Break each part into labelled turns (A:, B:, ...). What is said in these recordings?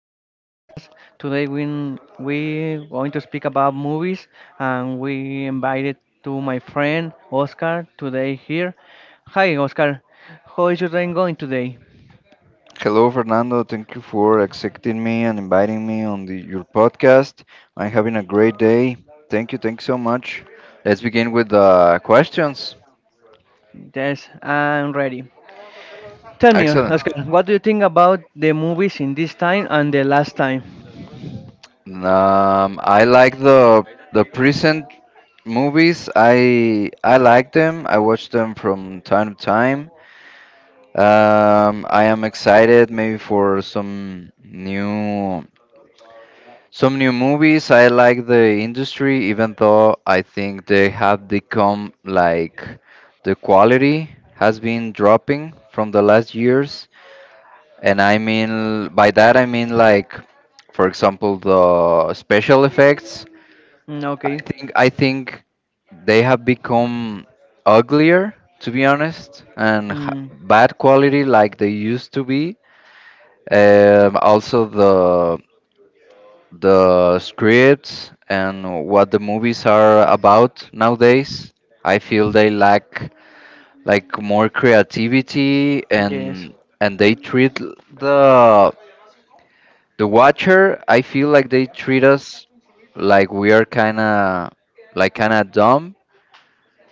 A: to this podcast. Today we going to speak about movies, and we invited to my friend Oscar today here. Hi Oscar, how is your day going today?
B: Hello, Fernando. Thank you for accepting me and inviting me on your podcast. I'm having a great day. Thank you. Thanks so much. Let's begin with the questions.
A: Yes, I'm ready. Tell me,
B: Excellent.
A: Oscar, what do you think about the movies in this time and the last time?
B: I like the present movies. I like them. I watch them from time to time. I am excited maybe for Some new movies. I like the industry, even though I think they have become like the quality has been dropping from the last years. By that I mean, like, for example, the special effects.
A: Mm, okay.
B: I think they have become uglier, to be honest, and
A: Mm,
B: bad quality like they used to be. Also the scripts and what the movies are about nowadays. I feel they lack like more creativity,
A: yes.
B: and they treat the the watcher. I feel like they treat us like we are kind of like kind of dumb.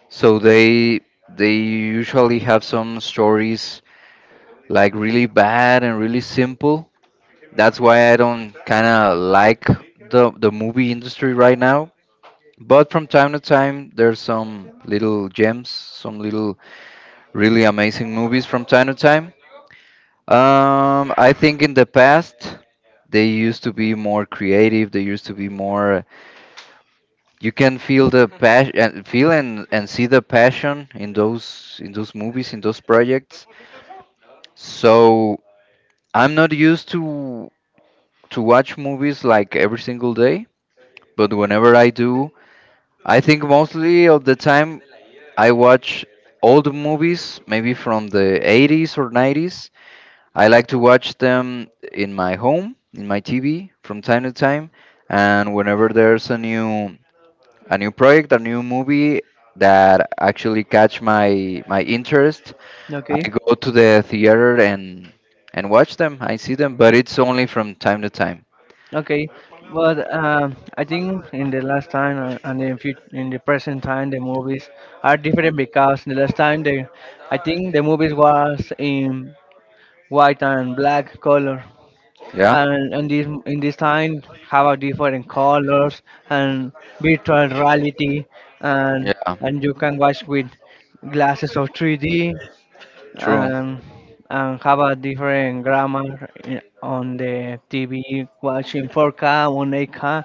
B: So they usually have some stories like really bad and really simple. That's why I don't kind of like the movie industry right now. But from time to time, there's some little gems, some little really amazing movies from time to time. I think in the past, they used to be more creative. They used to be more. You can feel the passion, feel and see the passion in those movies, in those projects. So I'm not used to watch movies like every single day, but whenever I do, I think mostly of the time I watch old movies, maybe from the 80s or 90s. I like to watch them in my home, in my TV, from time to time. And whenever there's a new project, a new movie that actually catch my interest,
A: Okay.
B: I go to the theater and watch them. I see them, but it's only from time to time.
A: Okay, but I think in the last time in the present time, the movies are different because the last time the I think the movies was in white and black color,
B: Yeah.
A: and in this time have a different colors and virtual reality, and
B: Yeah.
A: and you can watch with glasses of 3D
B: True.
A: um, and have a different grammar on the TV, watching 4K, 1K,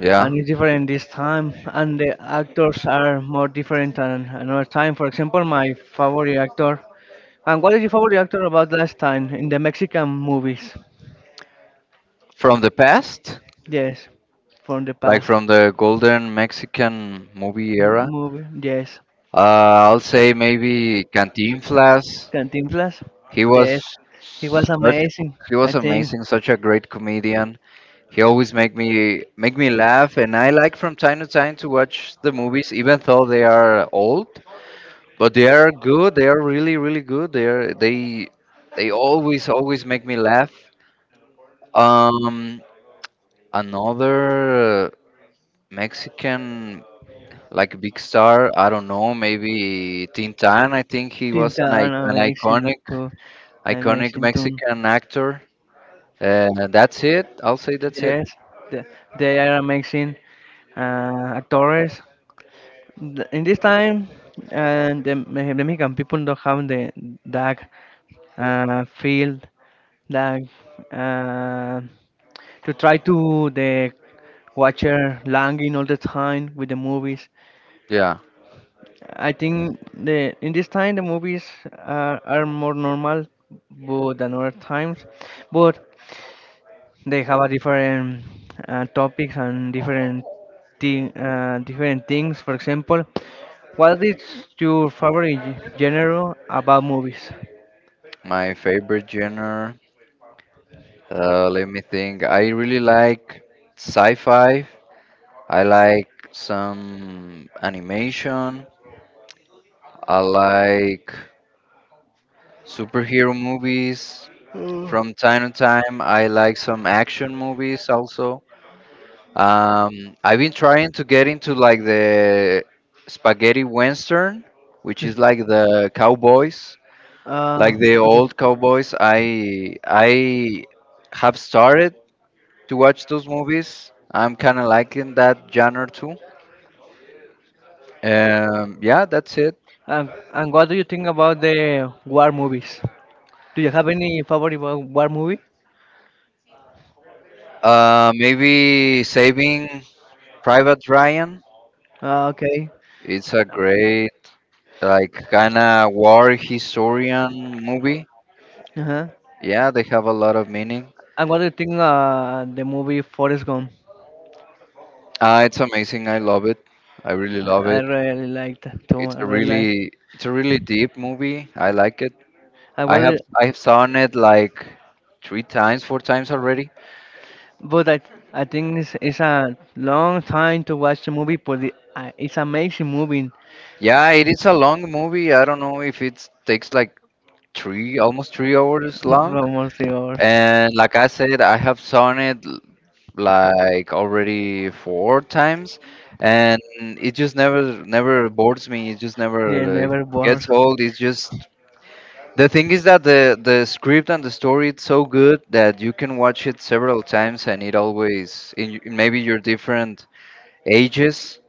B: Yeah.
A: and it's different this time. And the actors are more different than another time. For example, my favorite actor. And what is your favorite actor about last time in the Mexican movies?
B: From the past,
A: Yes, from the
B: like
A: past
B: from the golden Mexican movie era,
A: movie. Yes,
B: I'll say maybe Cantinflas.
A: Cantinflas.
B: He was
A: Yes, he was
B: such
A: amazing.
B: he
A: I
B: was
A: think
B: amazing, such a great comedian. He always make me laugh, and I like from time to time to watch the movies, even though they are old. But they are good. They are really, really good. They are they always always make me laugh. Um, another Mexican like big star. I don't know. Maybe Tintan. I think he was an i-
A: Tintán
B: an
A: amazing
B: iconic
A: too,
B: iconic
A: amazing too.
B: Mexican actor. That's it. I'll say that's it.
A: Yes, the, they are amazing actors. In this time, and the Mexican people don't have the that field that uh, to try to the watcher langing all the time with the movies.
B: Yeah,
A: I think the in this time the movies are more normal, but than other times. But they have a different topics and different different things. For example, what is your favorite genre about movies?
B: my favorite genre. Let me think. I really like sci-fi. I like some animation. I like superhero movies from time to time. I like some action movies also. I've been trying to get into like the spaghetti western, which
A: Yes.
B: is like the cowboys,
A: Uh,
B: like the
A: okay.
B: old cowboys. I have started to watch those movies. I'm kind of liking that genre too. Yeah, that's it.
A: And what do you think about the war movies? Do you have any favorite war movie?
B: Maybe Saving Private Ryan.
A: Ah, okay.
B: It's a great, like, kind of war historian movie.
A: Uh-huh.
B: Yeah, they have a lot of meaning.
A: And what do you think the movie Forrest Gump?
B: It's amazing. I love it. I really
A: I,
B: love
A: I
B: it.
A: really liked that too. I really like.
B: It's a really deep movie. I like it.
A: I was, it-
B: I have seen it like three times, four times already.
A: but I think it's a long time to watch the movie, but it's amazing movie.
B: Yeah, it is a long movie. I don't know if it takes like three, almost 3 hours long.
A: From all the hours.
B: And like I said, I have seen it like already four times, and it just never never bores me. It just never
A: Yeah, never
B: gets
A: bored.
B: old. It's just the thing is that the script and the story it's so good that you can watch it several times, and it always in maybe your different ages,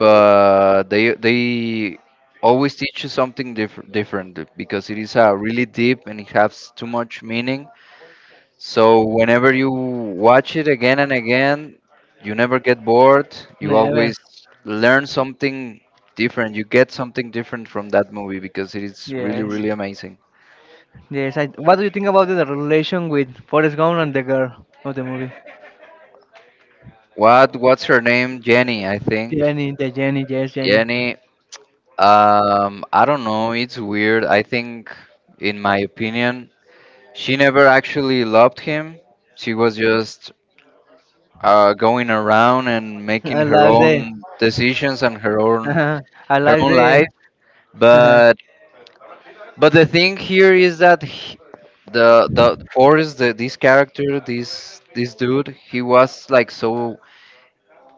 B: but they always teach you something different because it is a really deep and it has too much meaning. So whenever you watch it again and again, you never get bored. You
A: Never.
B: always learn something different. You get something different from that movie because it is really,
A: Yes.
B: really amazing.
A: Yes, what do you think about the relation with Forrest Gump and the girl of the movie?
B: What's her name? Jenny, I think.
A: Jenny, yes, Jenny.
B: Jenny. I don't know. It's weird. I think, in my opinion, she never actually loved him. She was just going around and making
A: I
B: her
A: like the,
B: own decisions and
A: uh, I
B: her
A: like
B: own
A: the,
B: life.
A: uh,
B: But But the thing here is that the Forrest, this character, this dude, he was like so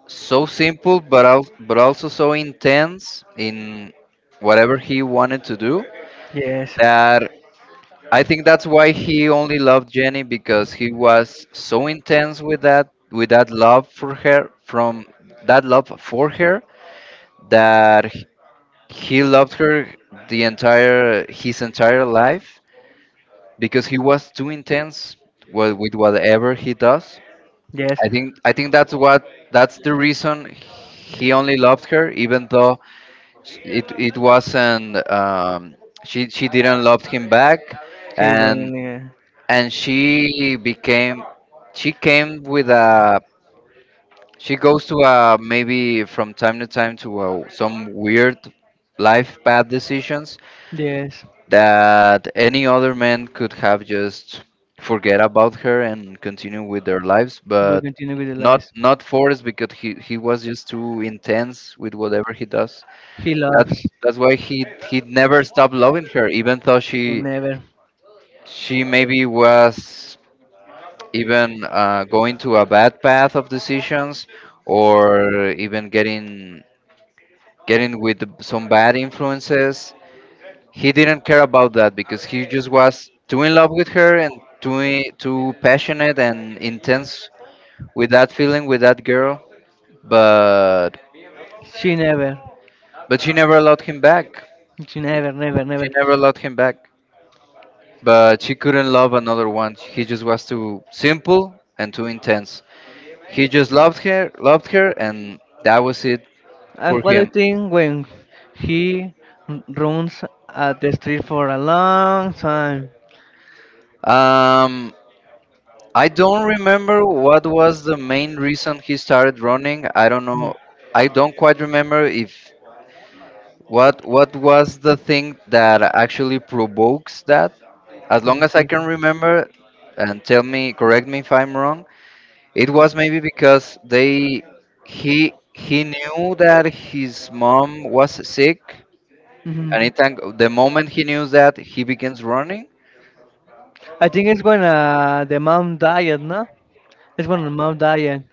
B: so simple, but but also so intense in whatever he wanted to do
A: yes,
B: that I think that's why he only loved Jenny because he was so intense with that love for her from that love for her that he loved her the entire his entire life because he was too intense with whatever he does.
A: yes,
B: I think that's what that's the reason he only loved her, even though it wasn't she didn't love him back,
A: she
B: and
A: didn't, yeah.
B: and she became she came with a she goes to a maybe from time to time to a, some weird life bad decisions
A: Yes,
B: that any other man could have just forget about her and continue with their lives,
A: we
B: but
A: continue with the lies.
B: not Forrest because he was just too intense with whatever he does.
A: He loves,
B: That's why he never stopped loving her, even though
A: she
B: she
A: never,
B: she maybe was even going to a bad path of decisions or even getting with some bad influences. He didn't care about that because he just was too in love with her and too too passionate and intense with that feeling with that girl. But
A: she never,
B: but she never allowed him back.
A: she never, never,
B: She
A: never.
B: never allowed him back. But she couldn't love another one. He just was too simple and too intense. He just loved her, and that was it for
A: And what do you
B: him.
A: think when he runs at the street for a long time?
B: Um, I don't remember what was the main reason he started running. I don't
A: Mhm.
B: know. I don't quite remember if What what was the thing that actually provokes that? As long as I
A: Okay.
B: can remember, and tell me, correct me if I'm wrong, it was maybe because they he knew that his mom was sick,
A: Mhm.
B: and the moment he knew that, he begins running.
A: I think it's when the mom died, no? It's when the mom died.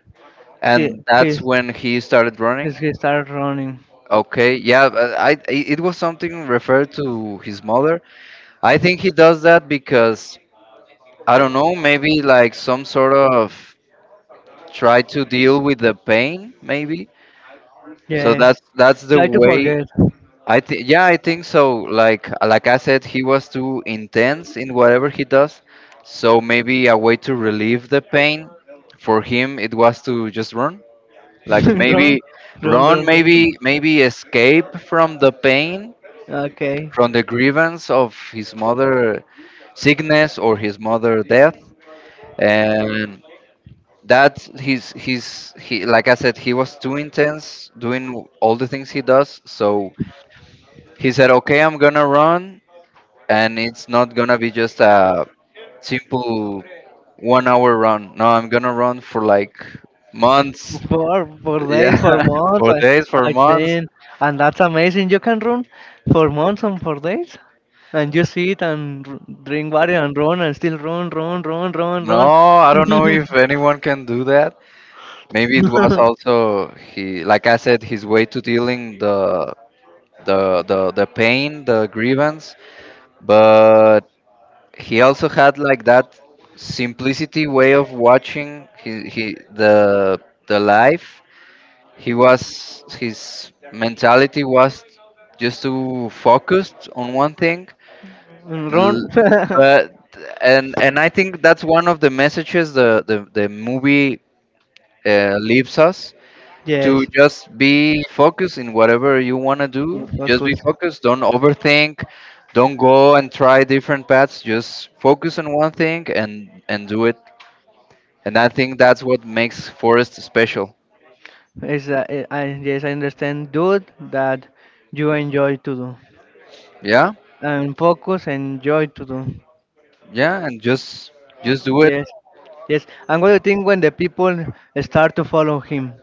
A: She
B: And that's
A: he,
B: when he started running.
A: he started running.
B: Okay, yeah, but it was something referred to his mother. I think he does that because I don't know, maybe like some sort of try to deal with the pain maybe. So that's the way. I think, yeah, I think so. Like I said, he was too intense in whatever he does, so maybe a way to relieve the pain for him it was to just run, like
A: Don't,
B: maybe run
A: don't,
B: maybe maybe escape from the pain,
A: Okay.
B: from the grievance of his mother sickness or his mother death. And that's he's he like I said, he was too intense doing all the things he does, so he said, okay, I'm gonna run, and it's not gonna be just a simple 1 hour run. No, I'm gonna run for like months.
A: For days,
B: Yeah,
A: for months,
B: for days, for
A: I
B: months.
A: think, and that's amazing. You can run for months and for days, and you sit and drink water and run and still run, run, run, run,
B: No,
A: run,
B: I don't know if anyone can do that. Maybe it was also he, like I said, his way to dealing the pain, the grievance. But he also had like that simplicity way of watching he the life. He was, his mentality was just to focus on one thing.
A: run.
B: L- but and I think that's one of the messages the movie leaves us to
A: Yes,
B: just be focused in whatever you want to do. Just be
A: focus.
B: focused. Don't overthink. Don't go and try different paths. Just focus on one thing and do it. And I think that's what makes Forest special.
A: Yes, I understand, dude, that you enjoy to do
B: Yeah,
A: and focus and joy to do.
B: yeah, and just do it.
A: Yes, yes. I'm going to think when the people start to follow him,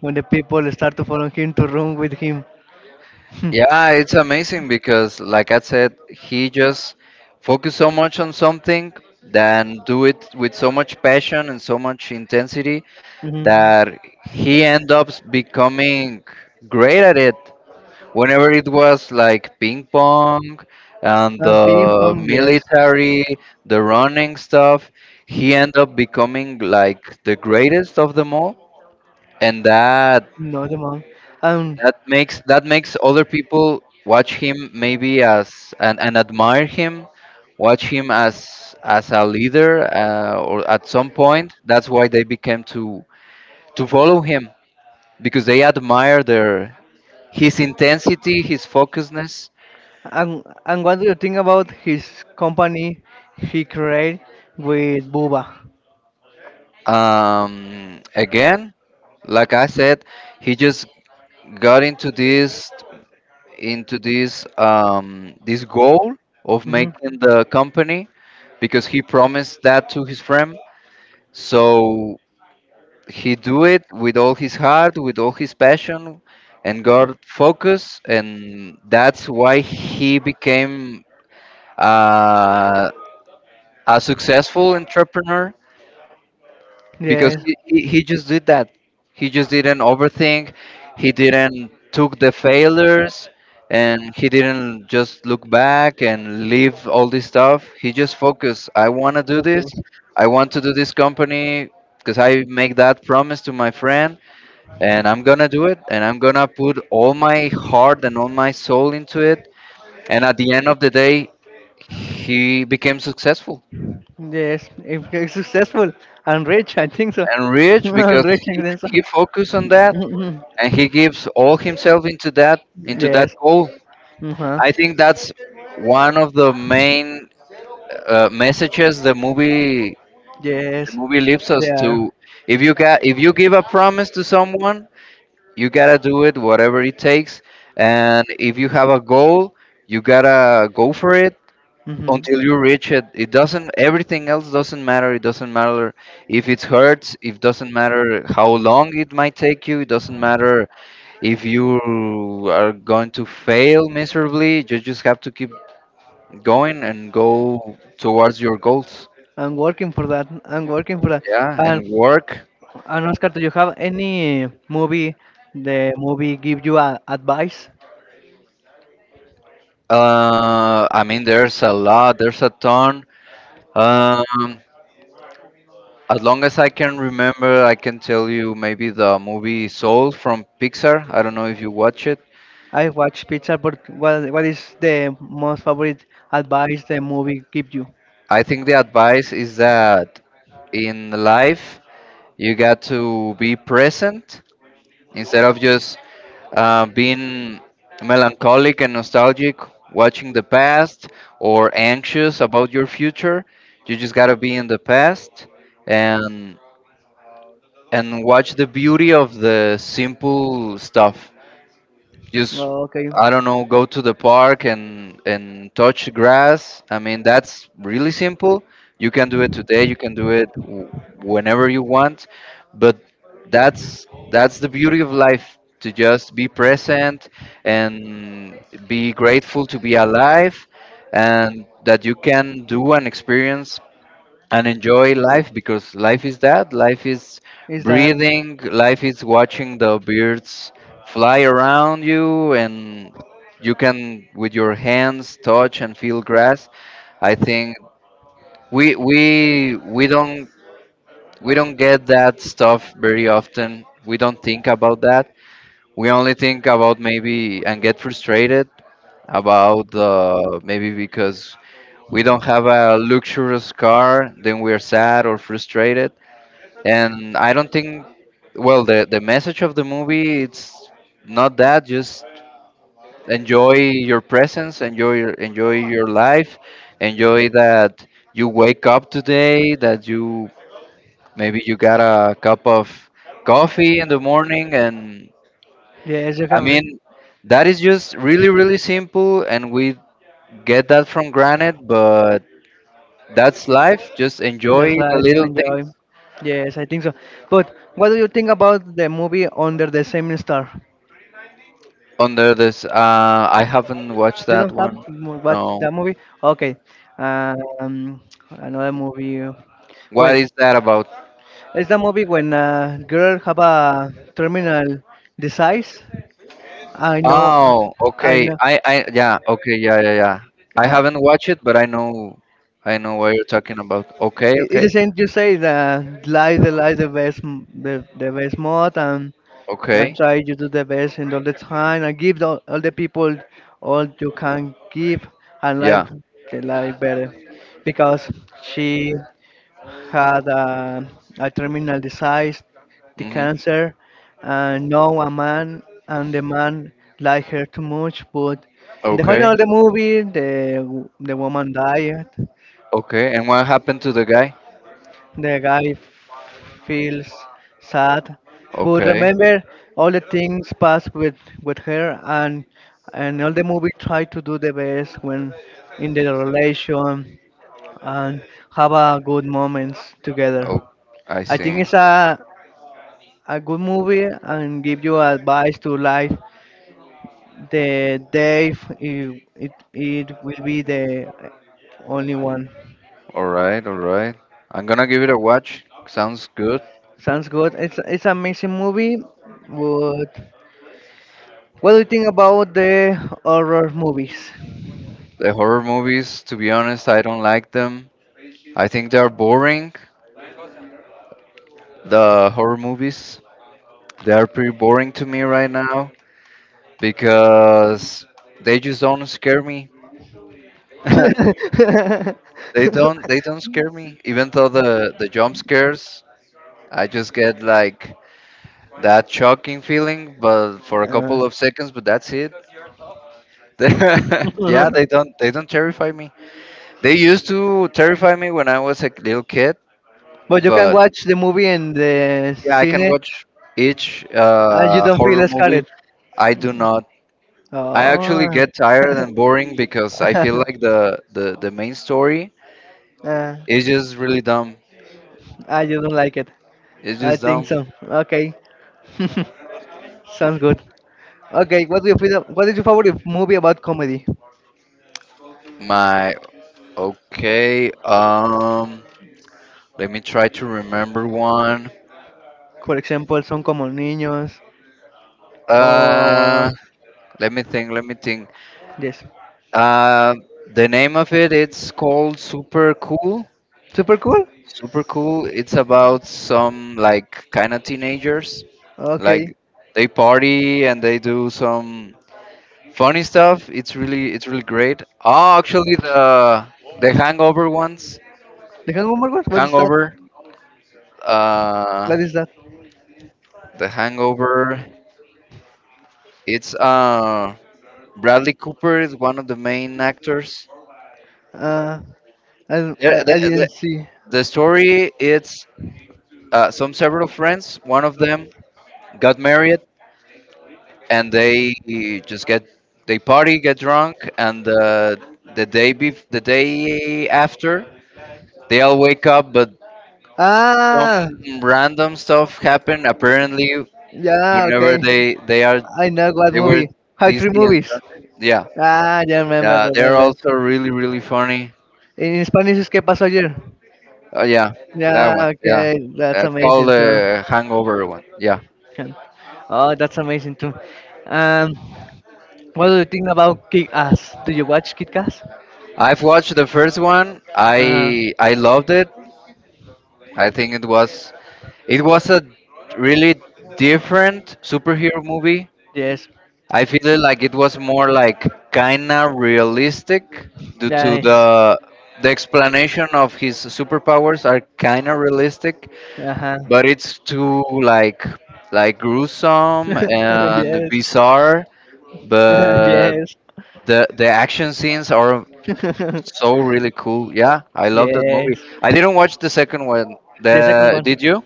A: when the people start to follow him to room with him.
B: Yeah, it's amazing because, like I said, he just focused so much on something, then do it with so much passion and so much intensity
A: Mhm.
B: that he end up becoming great at it. Whenever it was like ping pong and
A: Ping
B: the
A: pong, yes.
B: military, the running stuff, he ended up becoming like the greatest of them all. And that
A: No, the mom. Um,
B: that makes that makes other people watch him maybe as and admire him, watch him as a leader, or at some point that's why they became to follow him because they admire their his intensity, his focusedness.
A: and what do you think about his company he created with Buba?
B: Um, again, like I said, he just got into this into this goal of
A: Hmm.
B: making the company because he promised that to his friend. So he do it with all his heart, with all his passion, and God focus, and that's why he became uh, a successful entrepreneur because
A: Yes.
B: he just did that. He just didn't overthink. He didn't
A: So.
B: took the failures, and he didn't just look back and leave all this stuff. He just focused. I want to do this. I want to do this company because I make that promise to my friend and I'm gonna do it, and I'm gonna put all my heart and all my soul into it. And at the end of the day, he became successful
A: Yes. If he's successful and rich, I think so.
B: and rich
A: And
B: because
A: rich
B: he,
A: and then
B: he
A: some.
B: focused on that and he gives all himself into that
A: Yes.
B: goal.
A: Uh-huh.
B: I think that's one of the main messages the movie the
A: Yes.
B: movie leaves
A: They
B: us
A: are.
B: to. If you give a promise to someone, you gotta do it whatever it takes, and if you have a goal you gotta go for it
A: Hmm.
B: until you reach it. It doesn't Everything else doesn't matter. It doesn't matter if it hurts. It doesn't matter how long it might take you. It doesn't matter if you are going to fail miserably. You just have to keep going and go towards your goals.
A: I'm working for that. I'm working for that.
B: Yeah, and
A: And,
B: work.
A: and Oscar, do you have any movie? The movie give you advice?
B: I mean there's a lot, there's a ton. um As long as I can remember, I can tell you maybe the movie Soul from Pixar. I don't know if you watch it.
A: I watch pizza, but what is the most favorite advice the movie give you?
B: I think the advice is that in life you got to be present instead of just being melancholic and nostalgic, watching the past or anxious about your future. You just gotta be in the past and watch the beauty of the simple stuff. Just
A: Oh, okay.
B: I don't know, go to the park and touch grass. I mean, that's really simple. You can do it today, you can do it whenever you want, but that's that's the beauty of life, to just be present and be grateful to be alive and that you can do and experience and enjoy life, because life is that, life is
A: Is that
B: breathing, life is watching the birds fly around you, and you can with your hands touch and feel grass. I think we don't get that stuff very often. We don't think about that. We only think about maybe and get frustrated about maybe because we don't have a luxurious car, then we are sad or frustrated. And I don't think, well, the message of the movie, it's not that, just enjoy your presence, enjoy your life, enjoy that you wake up today, that you maybe you got a cup of coffee in the morning. And
A: yes? You
B: I
A: have.
B: mean, that is just really really simple, and we get that from granted, but that's life, just enjoy
A: That's
B: the
A: life.
B: little things.
A: Enjoy. Yes, I think so. But what do you think about the movie Under the Same Star?
B: Under this, I haven't watched
A: You
B: that
A: don't have
B: one.
A: watch
B: No.
A: that movie? Okay. Um, Another movie. Well,
B: What is that about?
A: it's the movie when a girl have a terminal disease. I know.
B: Oh,
A: I
B: okay.
A: know.
B: Yeah, okay, yeah, yeah, yeah. I
A: Uh,
B: haven't watched it, but I know what you're talking about. Okay,
A: it's the
B: okay,
A: same you say that life the best the best mod and
B: okay.
A: try to do the best in all the time and give all the people all you can give and live
B: Yeah.
A: the life better because she had a terminal disease the
B: Mm-hmm.
A: cancer and no a man and the man liked her too much but in the final
B: Okay,
A: of the movie the woman died.
B: okay. And what happened to the guy?
A: The guy feels sad, but
B: Okay.
A: remember all the things passed with her and all the movie try to do the best when in the relation and have a good moments together.
B: Oh, I
A: I think
B: see.
A: it's a good movie and give you advice to life. The Dave it will be the only one.
B: All right, all right. I'm gonna give it a watch. Sounds good.
A: Sounds good. It's an amazing movie, but what do you think about the horror movies?
B: The horror movies, to be honest, I don't like them. I think they're boring. The horror movies. They are pretty boring to me right now because they just don't scare me. They don't scare me. Even though the jump scares, I just get like that shocking feeling, but for a couple of seconds. But that's it. yeah,
A: Uh,
B: they don't terrify me. They used to terrify me when I was a little kid,
A: but you can
B: but
A: watch the movie in the
B: yeah, I can
A: cine
B: watch each
A: and you don't
B: horror
A: feel
B: movie.
A: scared.
B: I do not. I actually
A: Oh.
B: get tired and boring because I feel like the main story
A: Uh,
B: is just really dumb.
A: you don't like it.
B: It's
A: I
B: just
A: think
B: dumb.
A: so. Okay. Sounds good. Okay, what do you feel? What is your favorite movie about comedy?
B: My okay. Let me try to remember one.
A: For example, Son como niños or
B: Uh, let me think. Let me think.
A: yes.
B: Uh, the name of it, it's called Super Cool.
A: Super cool.
B: Super Cool. It's about some like kind of teenagers,
A: Okay.
B: like they party and they do some funny stuff. It's really, it's really great. Oh, actually the Hangover ones.
A: Deccan Woman what? What is that?
B: Hangover. Uh,
A: What is that?
B: the Hangover. It's Bradley Cooper is one of the main actors.
A: Uh, I,
B: Yeah,
A: I, I didn't see.
B: The story, it's some several friends. One of them got married and they just get, they party, get drunk, and the the day after they all wake up, but some
A: Ah,
B: random stuff happened apparently
A: yeah, okay.
B: whenever they are,
A: I know what
B: they were
A: movie. High three
B: dizzy and
A: movies.
B: drunk. Yeah,
A: Ah, yeah, remember,
B: yeah, they're
A: remember.
B: also really really funny.
A: In Spanish es que pasó ayer.
B: Oh yeah, that one.
A: Yeah,
B: Yeah,
A: okay, that's
B: that's called
A: amazing too.
B: the Hangover one. Yeah,
A: Can- Oh, that's amazing too. Um, what do you think about Kick Ass? Do you watch Kick Ass?
B: I've watched the first one.
A: Uh-huh.
B: I loved it. I think it was, it was a really different superhero movie.
A: Yes.
B: I feel it like it was more like kinda realistic due to
A: Nice.
B: the explanation of his superpowers are kinda realistic,
A: Uh huh.
B: but it's too like gruesome and
A: Yes.
B: bizarre. But
A: Yes.
B: the action scenes are so really cool. Yeah, I love that movie.
A: Yes.
B: I didn't watch the second one.
A: The second
B: The
A: one.
B: did you?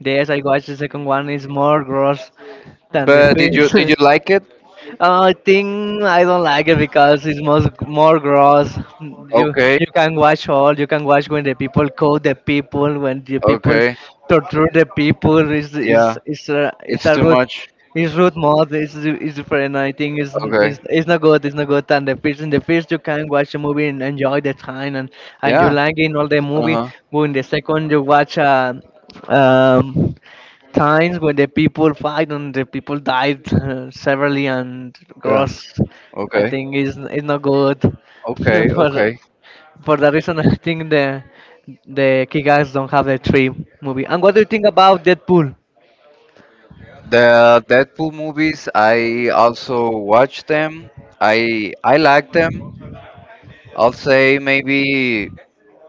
A: Yes, I watched the second one. Is more gross than the
B: But did
A: first.
B: you like it?
A: I think I don't like it because it's most more gross. You
B: Okay,
A: you can watch all. You can watch when the people call the people, when the people
B: okay,
A: torture the people. Is is
B: yeah.
A: is a is
B: It's
A: a
B: too
A: rude,
B: much.
A: is rude mode. It's different. I think it's
B: Okay,
A: it's it's not good. It's not good. And the first in the first you can watch a movie and enjoy the time and you
B: yeah.
A: like in all the movie.
B: Uh-huh.
A: But in the second you watch a um, times when the people fight and the people died severely and
B: Yeah.
A: gross. I
B: Okay.
A: think is not good.
B: Okay,
A: for
B: okay.
A: for that reason, I think the Kikas don't have the three movie. And what do you think about Deadpool?
B: The Deadpool movies, I also watch them. I like them. I'll say maybe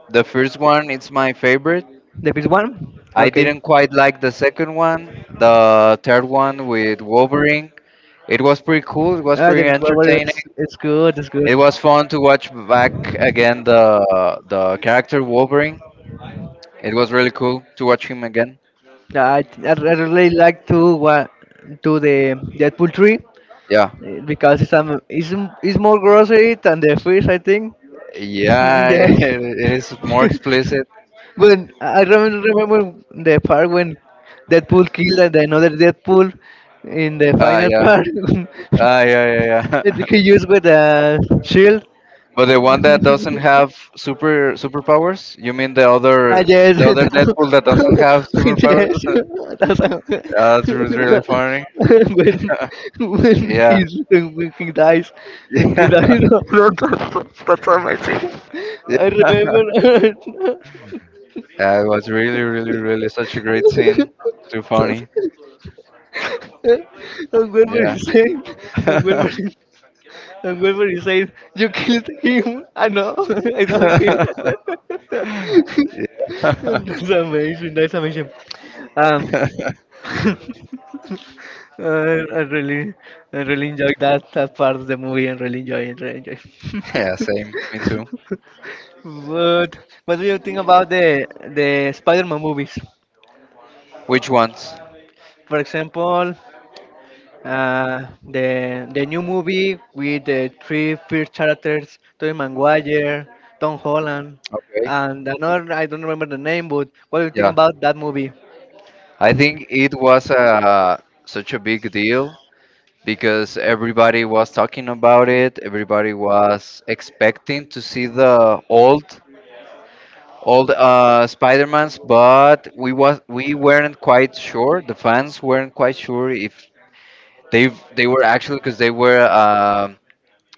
B: the first one, it's my favorite.
A: The first one?
B: I
A: Okay.
B: didn't quite like the second one. The third one with Wolverine, it was pretty cool. It was
A: The
B: pretty
A: first one
B: entertaining.
A: is it's good. It's good.
B: It was fun to watch back again the character Wolverine. It was really cool to watch him again.
A: Yeah, I really like to what to the Deadpool three,
B: Yeah.
A: because it's more grocery than the first I think.
B: Yeah,
A: Yes.
B: it is more explicit.
A: When I remember the part when Deadpool killed and another Deadpool in the
B: Ah,
A: final
B: yeah.
A: part.
B: Ah, yeah, yeah,
A: That
B: yeah.
A: he used with the shield.
B: But the one that doesn't have superpowers? You mean
A: I yes,
B: the other Deadpool that doesn't have superpowers?
A: yes. That's how.
B: Yeah, that was really funny.
A: when when
B: Yeah.
A: he when he dies, no, no, that's amazing.
B: Yeah.
A: I remember.
B: Yeah, it was really, really, really such a great scene. Too funny.
A: I'm going to
B: Yeah.
A: resign. I'm going to I'm going to resign. You killed him. I know. I don't kill.
B: Yeah.
A: That's amazing. That's amazing. Um, I, I really, I really enjoyed that part of the movie. And really enjoy it. Really enjoy.
B: Yeah, same. Me too.
A: But what do you think about the Spider-Man movies?
B: Which ones?
A: For example, Uh, the new movie with the three first characters, Tobey Maguire, Tom Holland,
B: Okay.
A: and another I don't remember the name, but what do you think
B: Yeah.
A: about that movie?
B: I think it was such a big deal because everybody was talking about it. Everybody was expecting to see the old Spider-Mans, but we weren't quite sure. The fans weren't quite sure if they they were actually because they were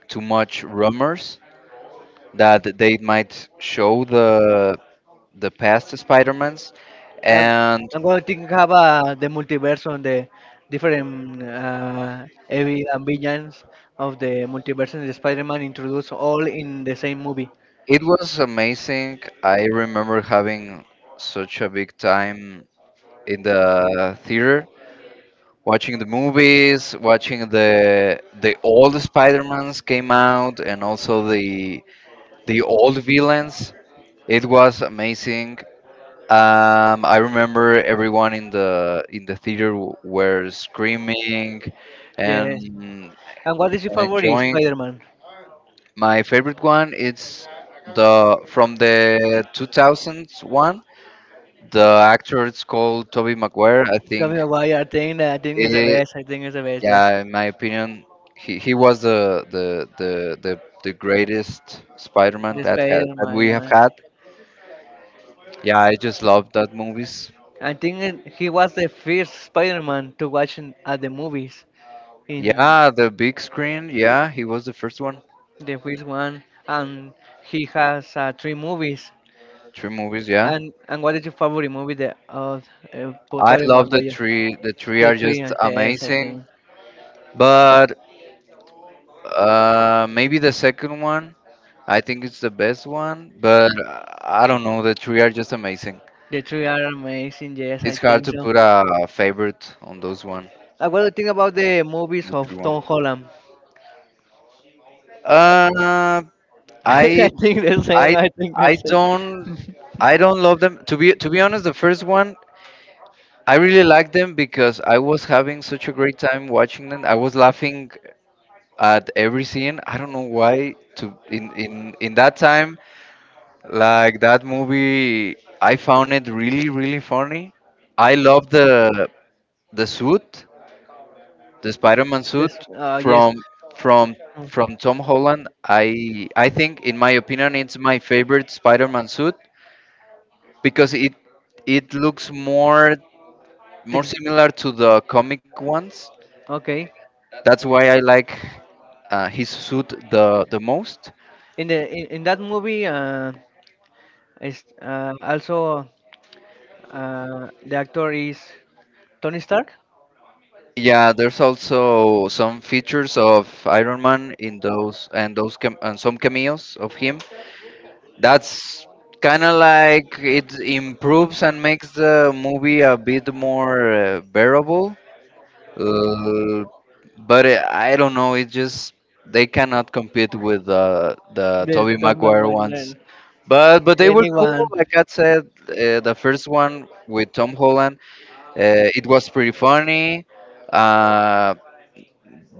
B: too much rumors that they might show the past Spider-Mans,
A: Uh,
B: and
A: I'm going to think about the multiverse on the different heavy and villains of the multiverse and the Spider-Man introduced all in the same movie.
B: it was amazing. I remember having such a big time in the theater, watching the movies, watching the old Spider-Mans came out, and also the old villains. It was amazing. I remember everyone in the theater were screaming and
A: Yes. And what is your
B: and
A: favorite
B: enjoying.
A: Spider-Man?
B: My favorite one is the from the 2001. The actor is called Toby Maguire. I
A: Tell me
B: think
A: why I think that I think it's the
B: it,
A: best. I think it's the best. Yes,
B: yeah, in my opinion, he was the greatest Spider-Man
A: the
B: that has that we have
A: Spider-Man.
B: had. Yeah, I just love that movies.
A: I think he was the first Spider-Man to watch at the movies in
B: Yeah, the big screen. Yeah, he was the first one.
A: the first one, and he has three movies.
B: Three movies. Yeah,
A: And what is your favorite movie of
B: I
A: Tobey
B: love the
A: Maguire?
B: three. The three
A: The
B: are
A: three,
B: just
A: yes, I
B: amazing.
A: think.
B: But maybe the second one. I think it's the best one, but I don't know. The three are just amazing.
A: The three are amazing, yes, I
B: It's hard
A: think
B: to
A: so.
B: put a favorite on those one,
A: What do you think about the movies
B: the three
A: of
B: one.
A: Tom Holland?
B: Uh, I
A: I think the same,
B: I
A: I think the
B: I don't
A: same.
B: I don't love them. To be honest, the first one, I really liked them because I was having such a great time watching them. I was laughing at every scene. I don't know why. To in that time, like that movie, I found it really really funny. I love the suit, the Spider-Man suit
A: Yes, yes.
B: from from
A: Mm.
B: from Tom Holland. I think, in my opinion, it's my favorite Spider-Man suit because it looks more
A: Think-
B: similar to the comic ones.
A: Okay.
B: That's why I like his suit the most.
A: In that movie, is also the actor is Tony Stark.
B: Yeah, there's also some features of Iron Man in those, and those cam- and some cameos of him. That's kind of like, it improves and makes the movie a bit more bearable. Uh, but it, I don't know. It just, they cannot compete with the
A: The
B: Toby
A: Iron Man
B: Maguire
A: one,
B: ones.
A: and
B: But they were cool.
A: anyone.
B: Like I said, the first one with Tom Holland, uh, it was pretty funny. Uh,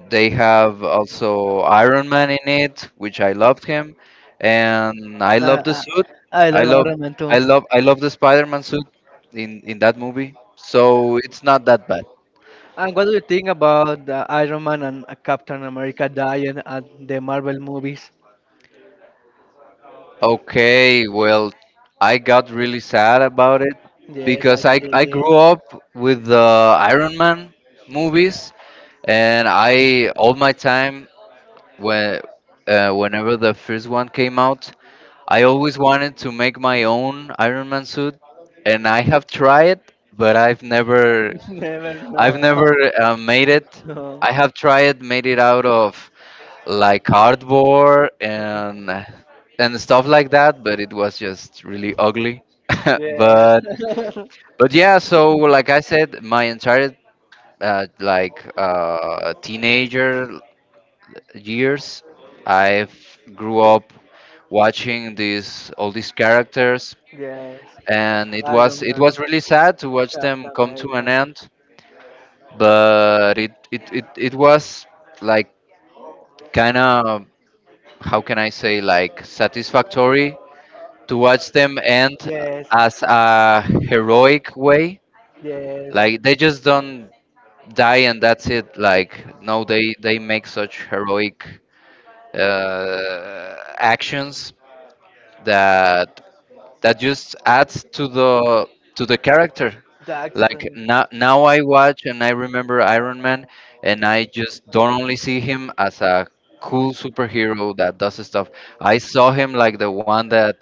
B: they have also
A: Man,
B: Iron Man in it, which I loved him, and I
A: Uh,
B: love the
A: I,
B: suit.
A: I
B: I
A: love
B: love,
A: Iron Man too.
B: I love the Spider-Man suit in
A: Man.
B: that movie. So it's not that bad.
A: And what do you think about the Iron Man and Captain America dying at the Marvel movies?
B: Okay, well, I got really sad about it
A: Yes, I
B: because I
A: think.
B: grew up with the Iron Man movies, and I all my time when whenever the first one came out, I always wanted to make my own Iron Man suit, and I have tried, but
A: Never
B: I've
A: know.
B: never made it.
A: No.
B: I have tried, made it out of like cardboard and stuff like that, but it was just really ugly.
A: Yes.
B: but but yeah, so like I said, my entire teenager years, I've grew up watching these all these characters,
A: Yes.
B: and it
A: Iron
B: was, it
A: Man,
B: was really sad to watch them
A: Captain
B: come to
A: America.
B: an end. But it was like, kind of, how can I say, like satisfactory to watch them end
A: Yes.
B: as a heroic way.
A: Yes.
B: Like they just don't die and that's it. Like no, they make such heroic actions that that just adds to the character. Like
A: Jackson.
B: now, now I watch and I remember Iron Man, and I just don't only see him as a cool superhero that does stuff. I saw him like the one that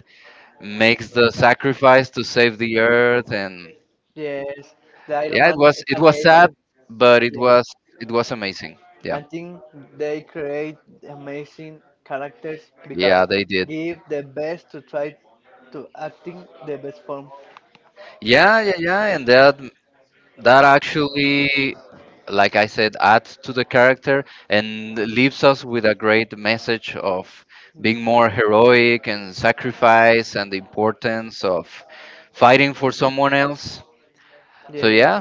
B: makes the sacrifice to save the earth, and
A: Yes, the Iron
B: yeah, it
A: Man
B: was,
A: is
B: it was sad,
A: amazing.
B: but it
A: Yes,
B: was, it was amazing. Yeah,
A: I think they create amazing characters because
B: yeah, they did.
A: give the best to try to acting the best form.
B: Yeah, yeah, yeah. And that that actually, like I said, adds to the character and leaves us with a great message of being more heroic and sacrifice and the importance of fighting for someone else. So
A: Yes.
B: yeah,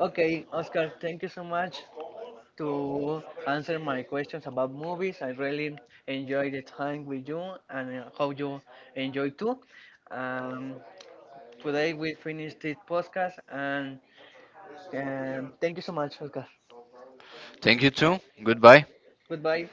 A: Okay, Oscar, thank you so much to answer my questions about movies. I really enjoy the time with you and I hope you enjoy too. Um, Today we finished this podcast and thank you so much, Oscar.
B: thank you too, goodbye.
A: Goodbye.